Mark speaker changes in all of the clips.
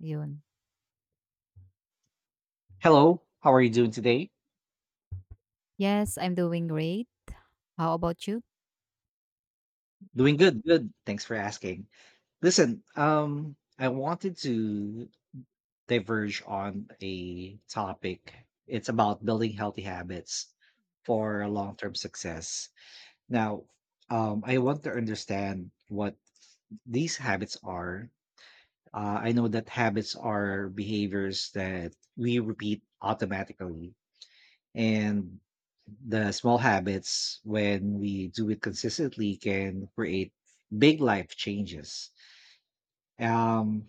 Speaker 1: Yun.
Speaker 2: Hello, how are you doing today?
Speaker 1: Yes, I'm doing great. How about you?
Speaker 2: Doing good, good. Thanks for asking. Listen, I wanted to diverge on a topic. It's about building healthy habits for long-term success. Now, I want to understand what these habits are. I know that habits are behaviors that we repeat automatically, and the small habits when we do it consistently can create big life changes. um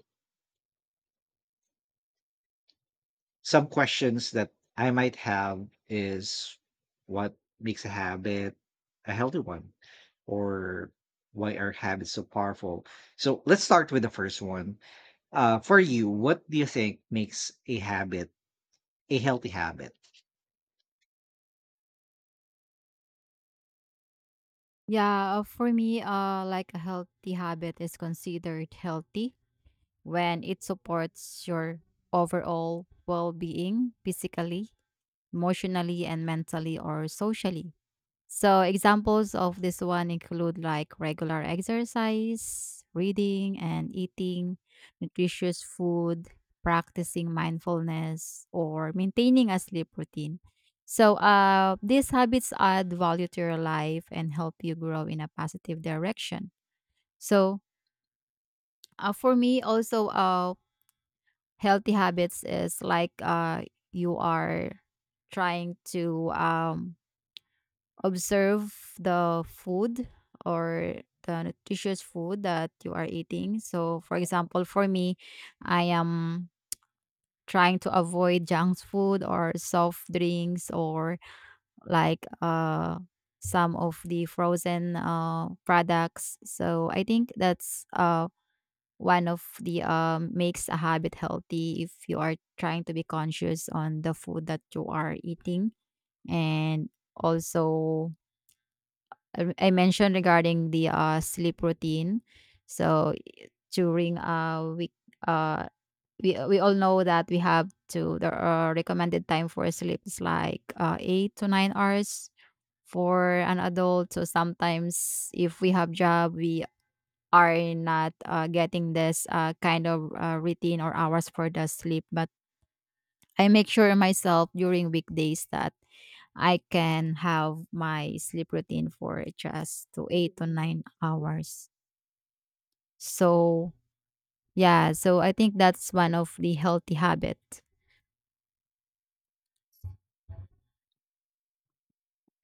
Speaker 2: some questions that I might have is, what makes a habit a healthy one, or why are habits so powerful? So let's start with the first one. For you, what do you think makes a habit a healthy habit?
Speaker 1: Yeah, for me, like a healthy habit is considered healthy when it supports your overall well being physically, emotionally, and mentally or socially. So examples of this one include like regular exercise, reading and eating nutritious food, practicing mindfulness, or maintaining a sleep routine. So these habits add value to your life and help you grow in a positive direction. So for me, also healthy habits is like you are trying to observe the food or the nutritious food that you are eating. So, for example, for me, I am trying to avoid junk food or soft drinks or like some of the frozen products. So, I think that's one of the makes a habit healthy if you are trying to be conscious on the food that you are eating and also I mentioned regarding the sleep routine. So during week uh we all know that we have to the recommended time for sleep is like 8 to 9 hours for an adult. So sometimes if we have job, we are not getting this kind of routine or hours for the sleep. But I make sure myself during weekdays that I can have my sleep routine for just to 8 to 9 hours. So yeah, so I think that's one of the healthy habit.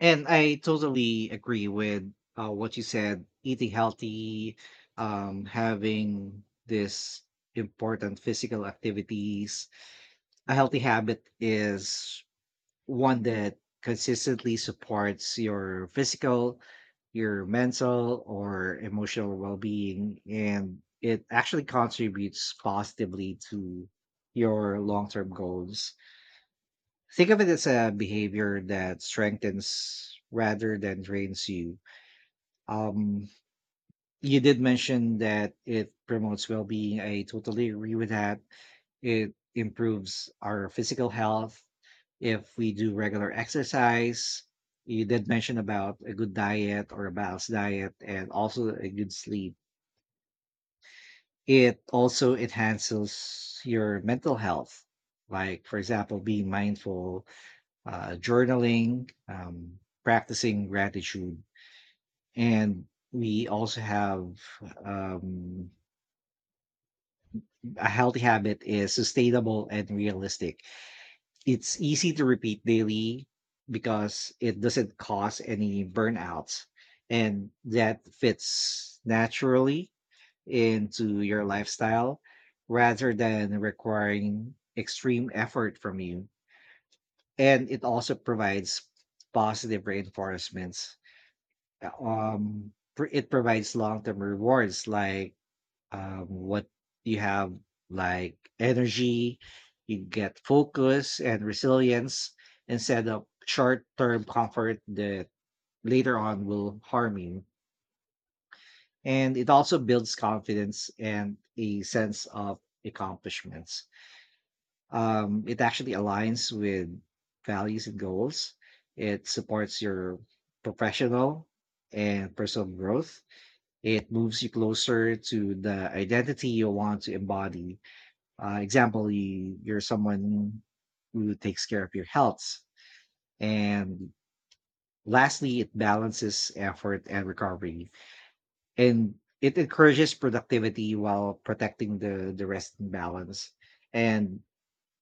Speaker 2: And I totally agree with what you said. Eating healthy, having this important physical activities, a healthy habit is one that consistently supports your physical, your mental, or emotional well being. And it actually contributes positively to your long term goals. Think of it as a behavior that strengthens rather than drains you. Um, you did mention that it promotes well being. I totally agree with that. It improves our physical health if we do regular exercise. You did mention about a good diet or a balanced diet and also a good sleep. It also enhances your mental health, like, for example, being mindful, journaling, practicing gratitude. And we also have, um, a healthy habit is sustainable and realistic. It's easy to repeat daily because it doesn't cause any burnouts, and that fits naturally into your lifestyle rather than requiring extreme effort from you. And it also provides positive reinforcements. It provides long term rewards like, what you have, like energy, you get focus and resilience, instead of short-term comfort that later on will harm you. And it also builds confidence and a sense of accomplishments. It actually aligns with values and goals. It supports your professional and personal growth. It moves you closer to the identity you want to embody. Example, you're someone who takes care of your health. And lastly, it balances effort and recovery. And it encourages productivity while protecting the rest and balance. And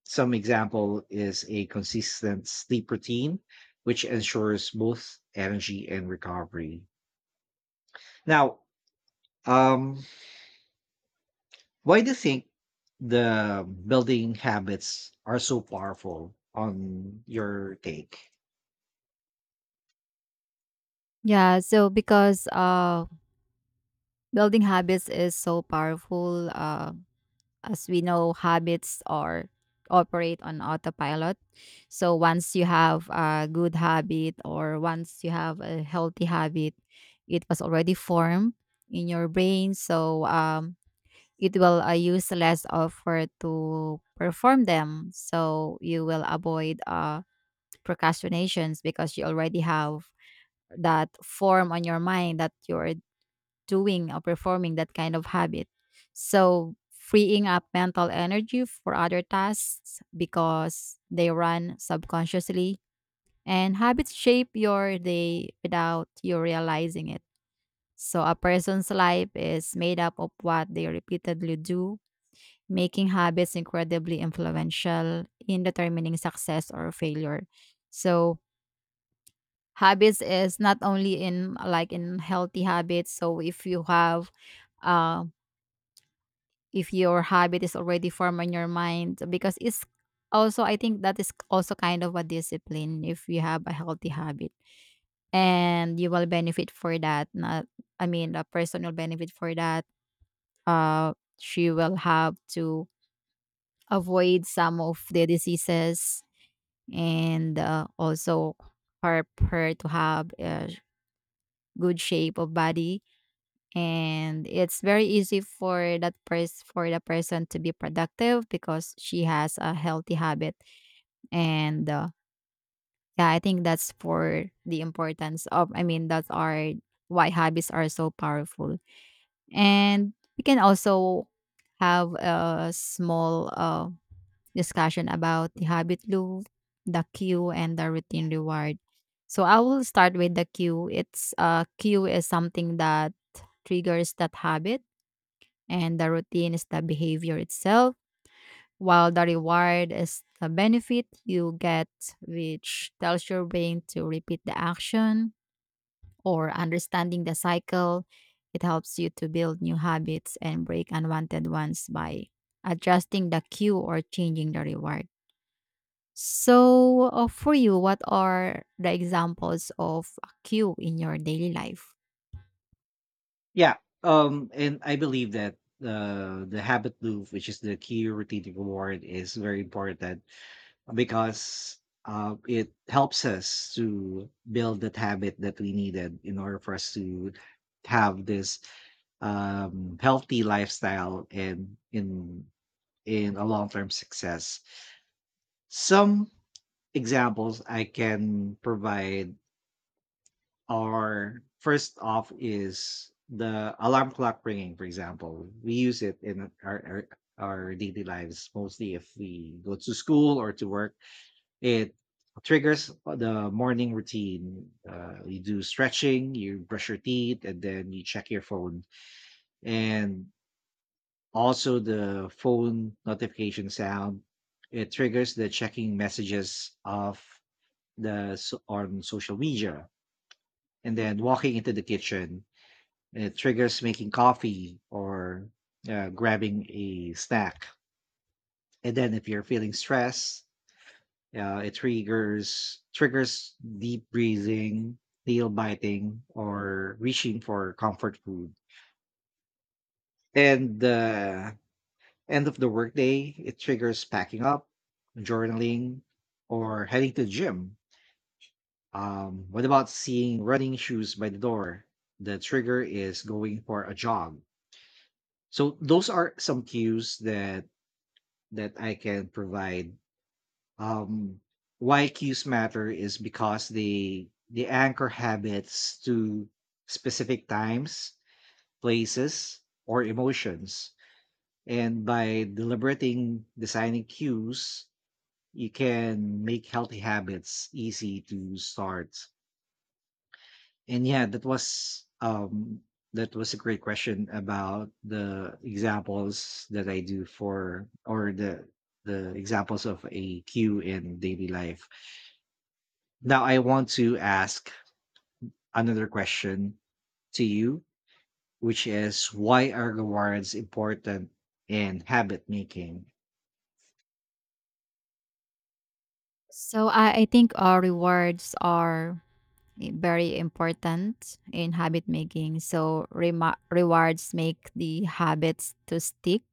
Speaker 2: some example is a consistent sleep routine, which ensures both energy and recovery. Now, um, why do you think the building habits are so powerful, on your take?
Speaker 1: Yeah, so because building habits is so powerful. As we know, habits are operate on autopilot. So once you have a good habit or once you have a healthy habit, it was already formed in your brain. So it will use less effort to perform them so you will avoid procrastinations because you already have that form on your mind that you're doing or performing that kind of habit so freeing up mental energy for other tasks because they run subconsciously and habits shape your day without you realizing it so a person's life is made up of what they repeatedly do making habits incredibly influential in determining success or failure. So habits is not only in like in healthy habits. So if you have uh, if your habit is already formed in your mind because it's also I think that is also kind of a discipline if you have a healthy habit and you will benefit for that not I mean the person will benefit for that uh she will have to avoid some of the diseases and also help her to have a good shape of body and it's very easy for that person for the person to be productive because she has a healthy habit and yeah I think that's for the importance of I mean that's our why habits are so powerful and we can also have a small discussion about the habit loop, the cue, and the routine reward. So I will start with the cue. It's cue is something that triggers that habit, and the routine is the behavior itself, while the reward is the benefit you get, which tells your brain to repeat the action or understanding the cycle. It helps you to build new habits and break unwanted ones by adjusting the cue or changing the reward. So, for you, what are the examples of a cue in your daily life?
Speaker 2: Yeah. And I believe that the habit loop, which is the key routine reward, is very important because it helps us to build that habit that we needed in order for us to have this, healthy lifestyle and in a long term success. Some examples I can provide, or first off, is the alarm clock ringing, for example. We use it in our daily lives mostly if we go to school or to work. It triggers the morning routine. You do stretching, you brush your teeth, and then you check your phone. And also the phone notification sound. It triggers the checking messages of on social media, and then walking into the kitchen. It triggers making coffee or grabbing a snack. And then if you're feeling stress, it triggers deep breathing, nail biting, or reaching for comfort food. And the end of the workday, it triggers packing up, journaling, or heading to the gym. What about seeing running shoes by the door? The trigger is going for a jog. So those are some cues that I can provide. Um, why cues matter is because they anchor habits to specific times, places, or emotions. And by deliberating designing cues, you can make healthy habits easy to start. And yeah, that was, that was a great question about the examples that I do for, or the examples of a cue in daily life. Now I want to ask another question to you, which is, why are rewards important in habit making?
Speaker 1: So, I think rewards are very important in habit making. So, rewards make the habits to stick.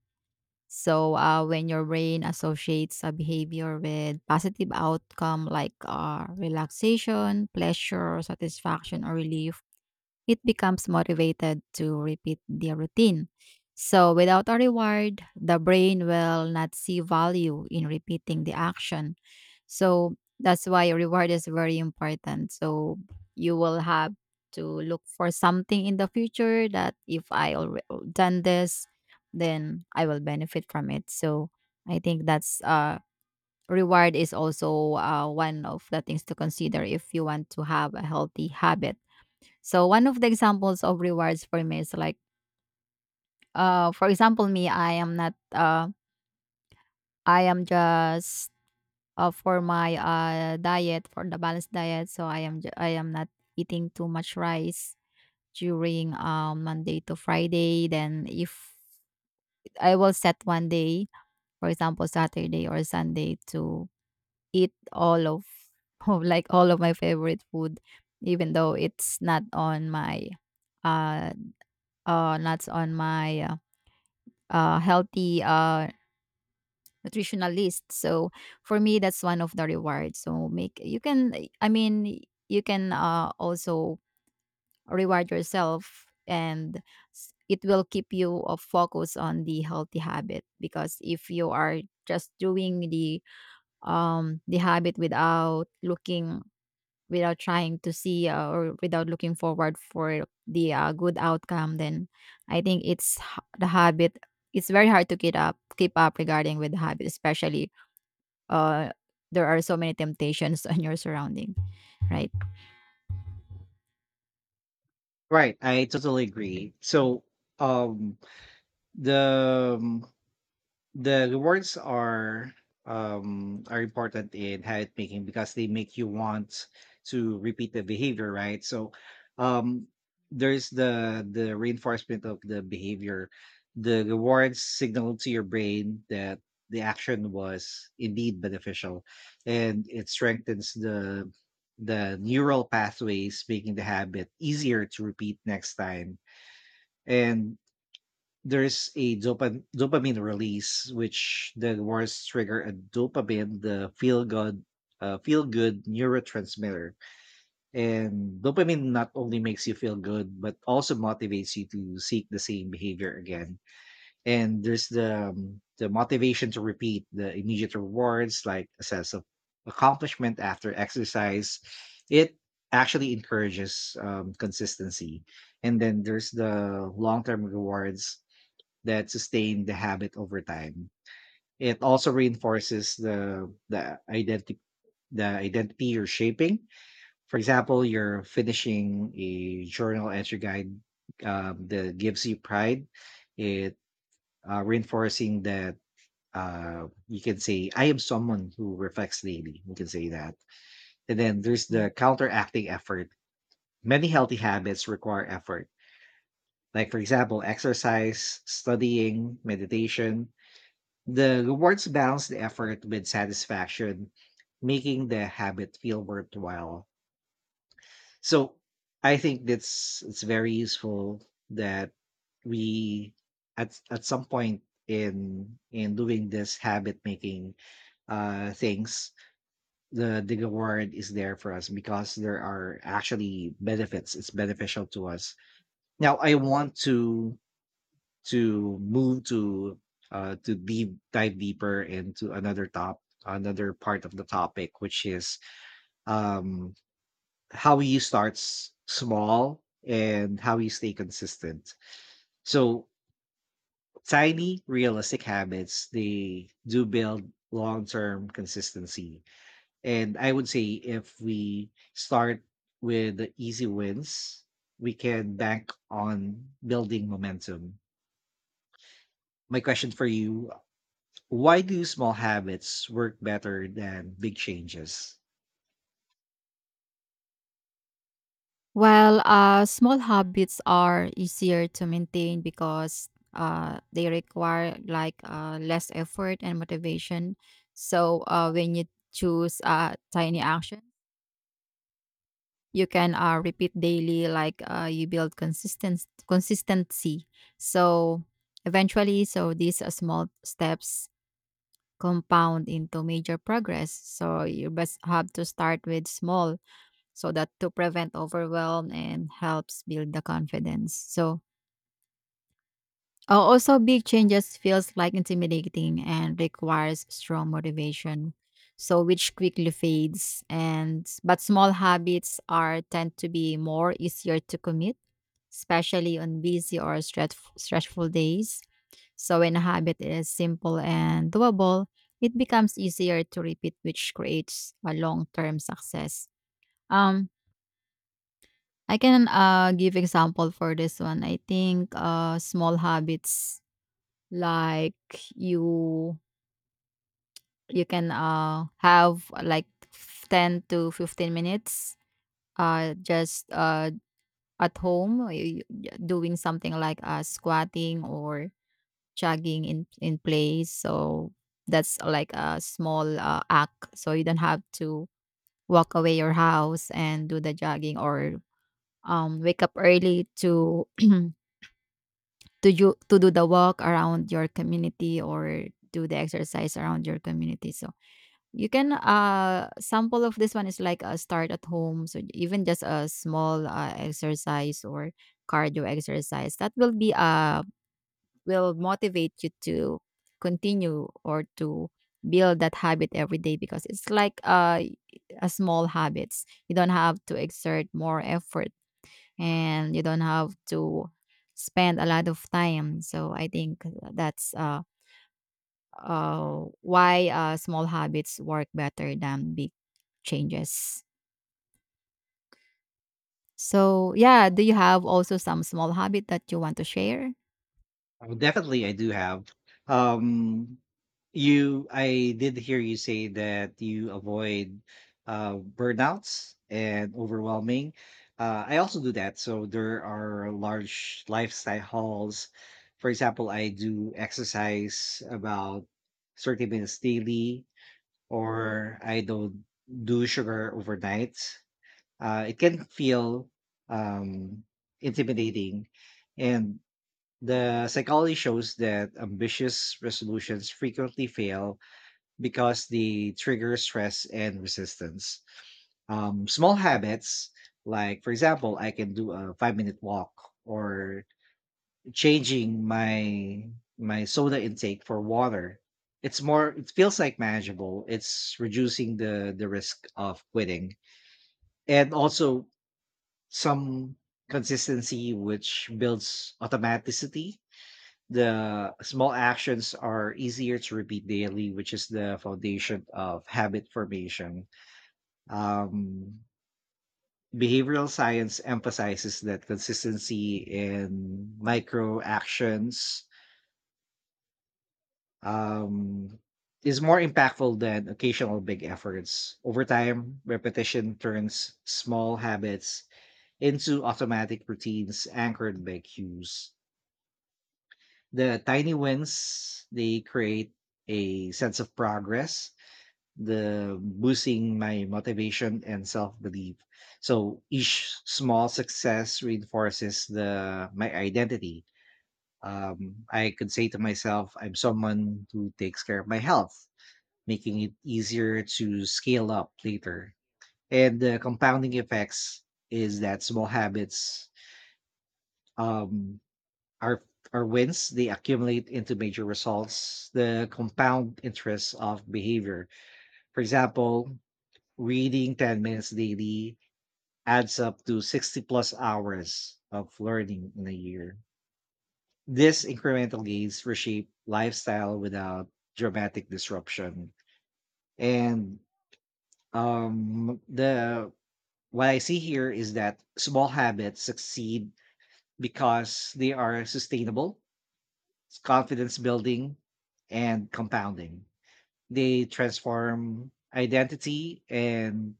Speaker 1: So, when your brain associates a behavior with positive outcome like relaxation, pleasure, satisfaction, or relief, it becomes motivated to repeat the routine. So, without a reward, the brain will not see value in repeating the action. So, that's why reward is very important. So, you will have to look for something in the future that if I already done this, then I will benefit from it. So, I think that's reward is also one of the things to consider if you want to have a healthy habit. So one of the examples of rewards for me is like, for example, me, I am not, I am just for my diet for the balanced diet. So I am not eating too much rice during Monday to Friday. Then if I will set one day, for example, Saturday or Sunday to eat all of, of like all of my favorite food, even though it's not on my, uh, not on my healthy nutritional list. So for me, that's one of the rewards. So make you can. I mean, you can also reward yourself, and it will keep you focused on the healthy habit. Because if you are just doing the habit without looking without trying to see or without looking forward for the good outcome then I think the habit it's very hard to keep up regarding with the habit especially uh there are so many temptations on your surrounding, right?
Speaker 2: Right. I totally agree. So, um the, the rewards are, are important in habit making because they make you want to repeat the behavior, right? So, um there's the reinforcement of the behavior. The rewards signal to your brain that the action was indeed beneficial, and it strengthens the neural pathways, making the habit easier to repeat next time. And there's a dopamine release, which the words trigger a dopamine, the feel good neurotransmitter. And dopamine not only makes you feel good, but also motivates you to seek the same behavior again. And there's the, the motivation to repeat the immediate rewards, like a sense of accomplishment after exercise. It actually encourages, consistency. And then there's the long term rewards that sustain the habit over time. It also reinforces the identity, the identity you're shaping. For example, you're finishing a journal entry guide, that gives you pride. It, reinforcing that, you can say, "I am someone who reflects daily." You can say that. And then there's
Speaker 1: Mm.
Speaker 2: the counteracting effort. Many healthy habits require effort, like, for example, exercise, studying, meditation. The rewards balance the effort with satisfaction, making the habit feel worthwhile. So I think that's, it's very useful that we, at some point in doing this habit making, things, the reward is there for us, because there are actually benefits. It's beneficial to us. Now I want to move to, deep dive deeper into another top another part of the topic, which is, um how you start small and how you stay consistent. So, tiny realistic habits, they do build long-term consistency. And I would say, if we start with the easy wins, we can bank on building momentum. My question for you: why do small habits work better than big changes?
Speaker 1: Well, small habits are easier to maintain because they require like less effort and motivation so when you choose tiny action you can repeat daily like you build consistent consistency so eventually so these small steps compound into major progress so you best have to start with small so that to prevent overwhelm and helps build the confidence so also, big changes feels like intimidating and requires strong motivation, so which quickly fades. And but small habits are tend to be more easier to commit, especially on busy or stressful days. So when a habit is simple and doable, it becomes easier to repeat, which creates a long-term success. Um, I can give example for this one. I think small habits like you can have like 10 to 15 minutes just at home yeah, doing something like squatting or jogging in place so that's like a small act so you don't have to walk away your house and do the jogging or wake up early to to do the walk around your community or do the exercise around your community so you can sample of this one is like a start at home. So even just a small exercise or cardio exercise that will be will motivate you to continue or to build that habit every day because it's like a small habits. You don't have to exert more effort and you don't have to spend a lot of time. So I think that's why small habits work better than big changes. So, yeah, do you have also some small habit that you want to share?
Speaker 2: Oh, definitely, I do have. Um, you, I did hear you say that you avoid burnouts and overwhelming. I also do that. So there are large lifestyle hauls. For example, I do exercise about 30 minutes daily, or I don't do sugar overnight. It can feel, um, intimidating. And the psychology shows that ambitious resolutions frequently fail because they trigger stress and resistance. Small habits, like, for example, I can do a 5-minute walk or changing my soda intake for water. It's more, it feels like manageable. It's reducing the risk of quitting. And also some consistency, which builds automaticity. The small actions are easier to repeat daily, which is the foundation of habit formation. Um, behavioral science emphasizes that consistency in micro actions, um, is more impactful than occasional big efforts. Over time, repetition turns small habits into automatic routines anchored by cues. The tiny wins, they create a sense of progress, the boosting my motivation and self-belief. So each small success reinforces the my identity. I could say to myself, I'm someone who takes care of my health, making it easier to scale up later. And the compounding effects is that small habits, um Our our wins, they accumulate into major results, the compound interest of behavior. For example, reading 10 minutes daily adds up to 60 plus hours of learning in a year. This incremental gains reshape lifestyle without dramatic disruption. And, the what I see here is that small habits succeed because they are sustainable. It's confidence building and compounding. They transform identity and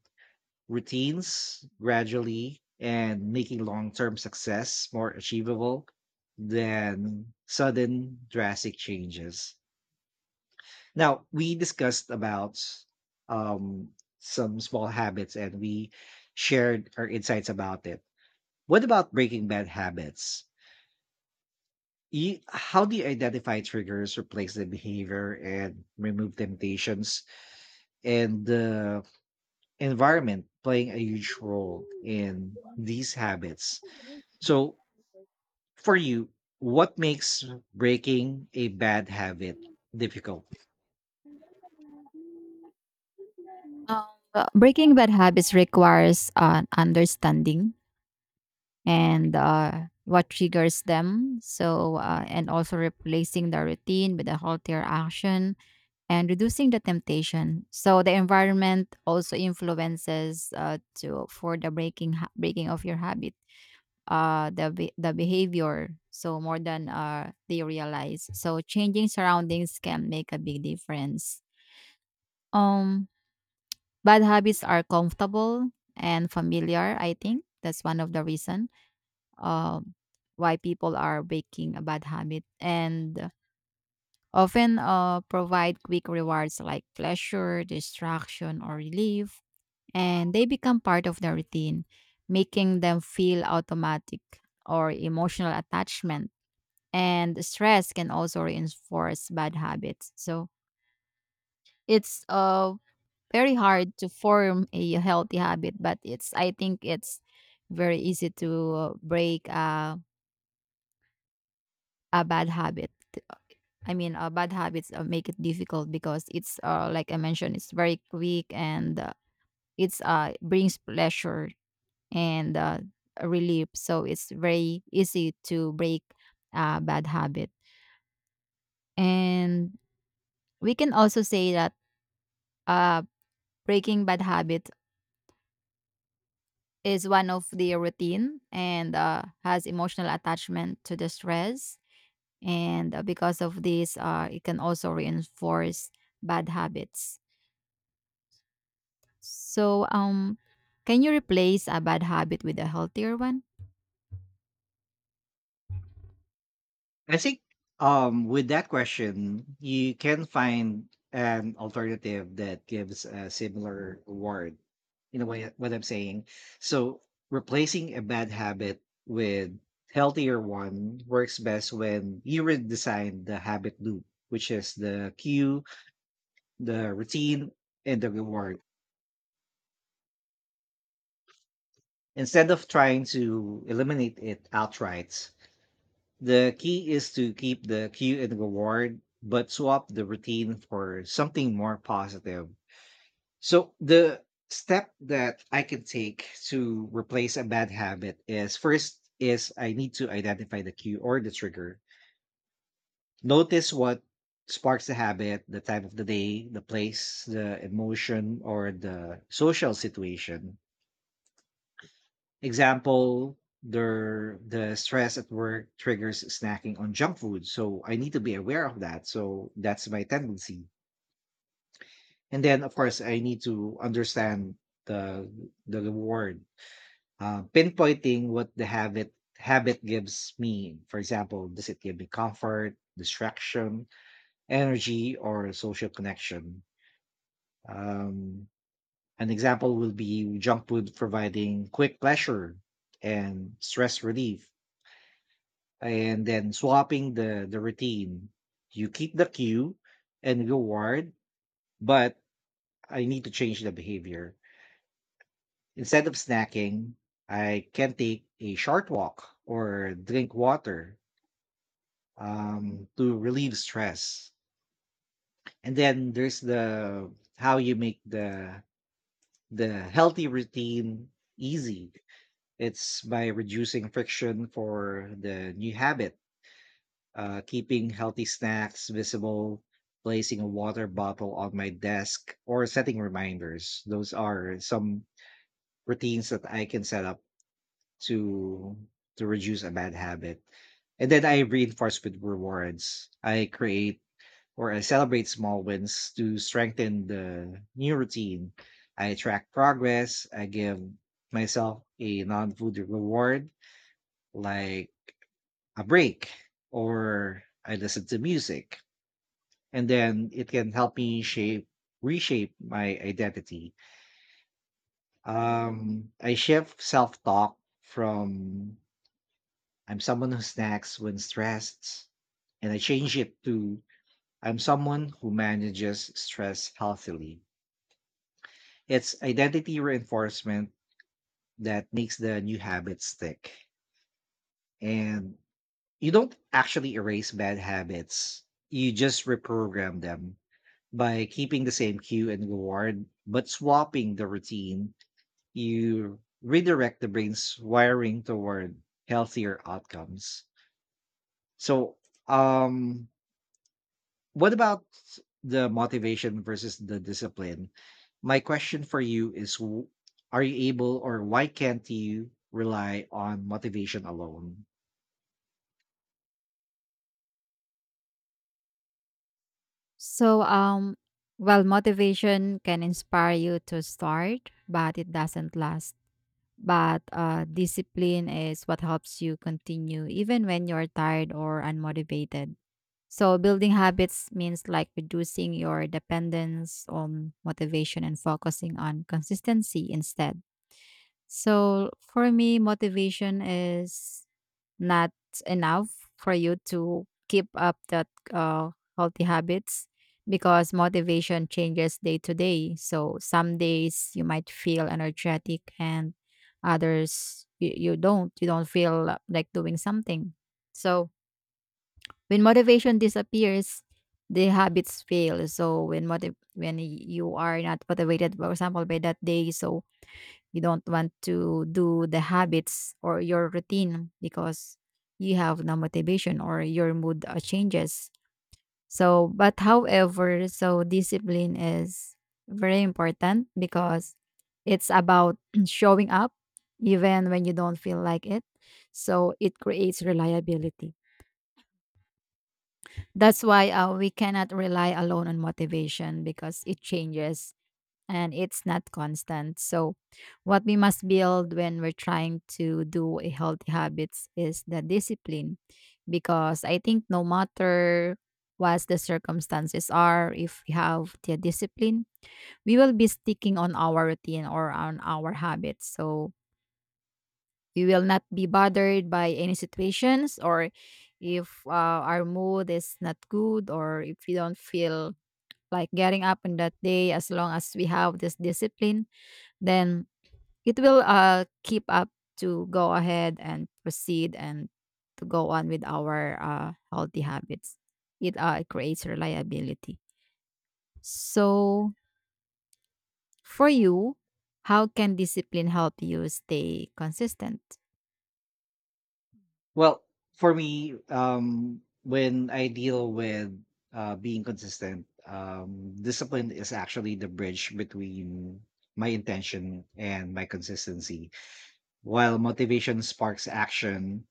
Speaker 2: routines gradually, and making long term success more achievable than sudden drastic changes. Now, we discussed about, um, some small habits, and we shared our insights about it. What about breaking bad habits? You, how do you identify triggers, replace the behavior, and remove temptations? And the environment playing a huge role in these habits. So, for you, what makes breaking a bad habit difficult?
Speaker 1: Um, breaking bad habits requires an understanding and what triggers them. So, and also replacing the routine with a healthier action and reducing the temptation. So, the environment also influences to for the breaking breaking of your habit. The behavior so more than they realize. So changing surroundings can make a big difference. Um, bad habits are comfortable and familiar. I think that's one of the reason um, why people are breaking a bad habit and often provide quick rewards like pleasure, distraction, or relief, and they become part of the routine, making them feel automatic or emotional attachment and stress can also reinforce bad habits. So it's very hard to form a healthy habit, but it's I think it's very easy to break a bad habit. I mean, bad habits make it difficult because it's like I mentioned, it's very quick and it's brings pleasure and relief. So it's very easy to break a bad habit, and we can also say that uh breaking bad habits is one of the routine and has emotional attachment to the stress. And because of this, it can also reinforce bad habits. So, can you replace a bad habit with a healthier one?
Speaker 2: I think, with that question, you can find an alternative that gives a similar reward. You know what I'm saying? So, replacing a bad habit with healthier one works best when you redesign the habit loop, which is the cue, the routine, and the reward. Instead of trying to eliminate it outright, the key is to keep the cue and reward, but swap the routine for something more positive. So, the step that I can take to replace a bad habit is, first is I need to identify the cue or the trigger. Notice what sparks the habit, the time of the day, the place, the emotion, or the social situation. Example, the stress at work triggers snacking on junk food, so I need to be aware of that. So that's my tendency. And then of course I need to understand the reward. Pinpointing what the habit gives me. For example, does it give me comfort, distraction, energy, or social connection? Um, an example will be junk food providing quick pleasure and stress relief. And then swapping the routine, you keep the cue and reward, but I need to change the behavior. Instead of snacking, I can take a short walk or drink water, to relieve stress. And then there's the how you make the healthy routine easy. It's by reducing friction for the new habit, keeping healthy snacks visible, placing a water bottle on my desk, or setting reminders. Those are some routines that I can set up to to reduce a bad habit. And then I reinforce with rewards. I create or I celebrate small wins to strengthen the new routine. I track progress. I give myself a non-food reward, like a break, or I listen to music. And then it can help me shape, reshape my identity. I shift self-talk from, "I'm someone who snacks when stressed," and I change it to, "I'm someone who manages stress healthily." It's identity reinforcement that makes the new habit stick. And you don't actually erase bad habits, you just reprogram them. By keeping the same cue and reward but swapping the routine, you redirect the brain's wiring toward healthier outcomes. So, um, what about the motivation versus the discipline? My question for you is, are you able, or why can't you rely on motivation alone?
Speaker 1: So, well, motivation can inspire you to start, but it doesn't last. But discipline is what helps you continue even when you're tired or unmotivated. So, building habits means like reducing your dependence on motivation and focusing on consistency instead. So, for me, motivation is not enough for you to keep up that uh, healthy habits because motivation changes day to day. So some days you might feel energetic and others you don't. You don't feel like doing something. So when motivation disappears, the habits fail. So when when you are not motivated, for example, by that day, so you don't want to do the habits or your routine because you have no motivation or your mood changes. So, but however, so discipline is very important because it's about showing up even when you don't feel like it. So, it creates reliability. That's why we cannot rely alone on motivation because it changes and it's not constant. So, what we must build when we're trying to do a healthy habits is the discipline, because I think no matter what the circumstances are, if we have the discipline, we will be sticking on our routine or on our habits. So we will not be bothered by any situations or if our mood is not good or if we don't feel like getting up on that day as long as we have this discipline then it will keep up to go ahead and proceed and to go on with our healthy habits. It creates reliability. So, for you, how can discipline help you stay consistent?
Speaker 2: Well, for me, when I deal with, being consistent, discipline is actually the bridge between my intention and my consistency. While motivation sparks action,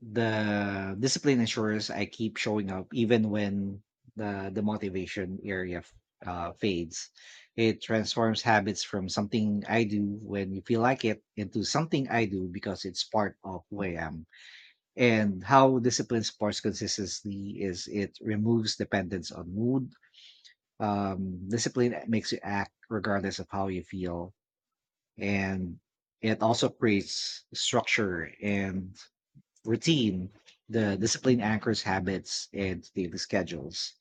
Speaker 2: the discipline ensures I keep showing up even when the fades. It transforms habits from something I do when you feel like it into something I do because it's part of who I am. And how discipline supports consistency is, it removes dependence on mood. Discipline makes you act regardless of how you feel. And it also creates structure and routine. The discipline anchors habits and daily schedules.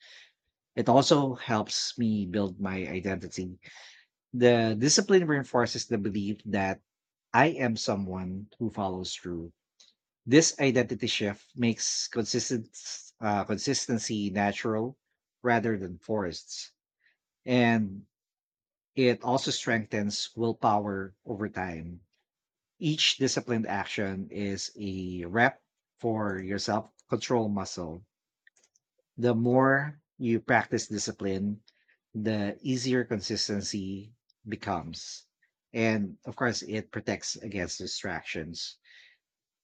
Speaker 2: It also helps me build my identity. The discipline reinforces the belief that I am someone who follows through. This identity shift makes consistent consistency natural rather than forced. And it also strengthens willpower over time. Each disciplined action is a rep for your self control muscle. The more you practice discipline, the easier consistency becomes. And of course, it protects against distractions.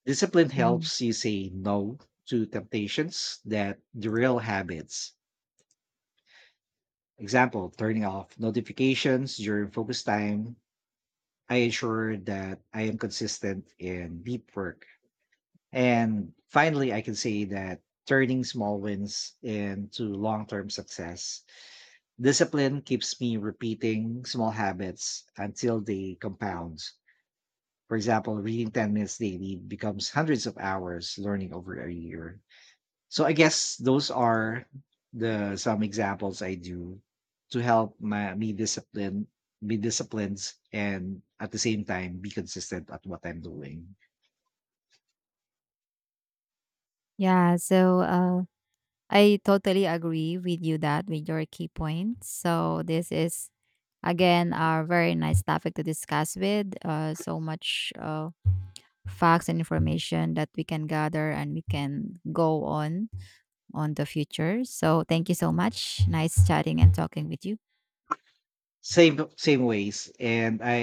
Speaker 2: Discipline
Speaker 1: Mhm.
Speaker 2: helps you say no to temptations that derail habits. Example, turning off notifications during focus time. I ensure that I am consistent in deep work. And finally, I can say that turning small wins into long term success. Discipline keeps me repeating small habits until they compound. For example, reading 10 minutes daily becomes hundreds of hours learning over a year. So I guess those are the some examples I do to help my me discipline, be disciplined, and at the same time be consistent at what I'm doing.
Speaker 1: Yeah, so I totally agree with you that with your key points. So this is again a very nice topic to discuss with. So much facts and information that we can gather and we can go on the future. So thank you so much. Nice chatting and talking with you.
Speaker 2: Same, same ways. And I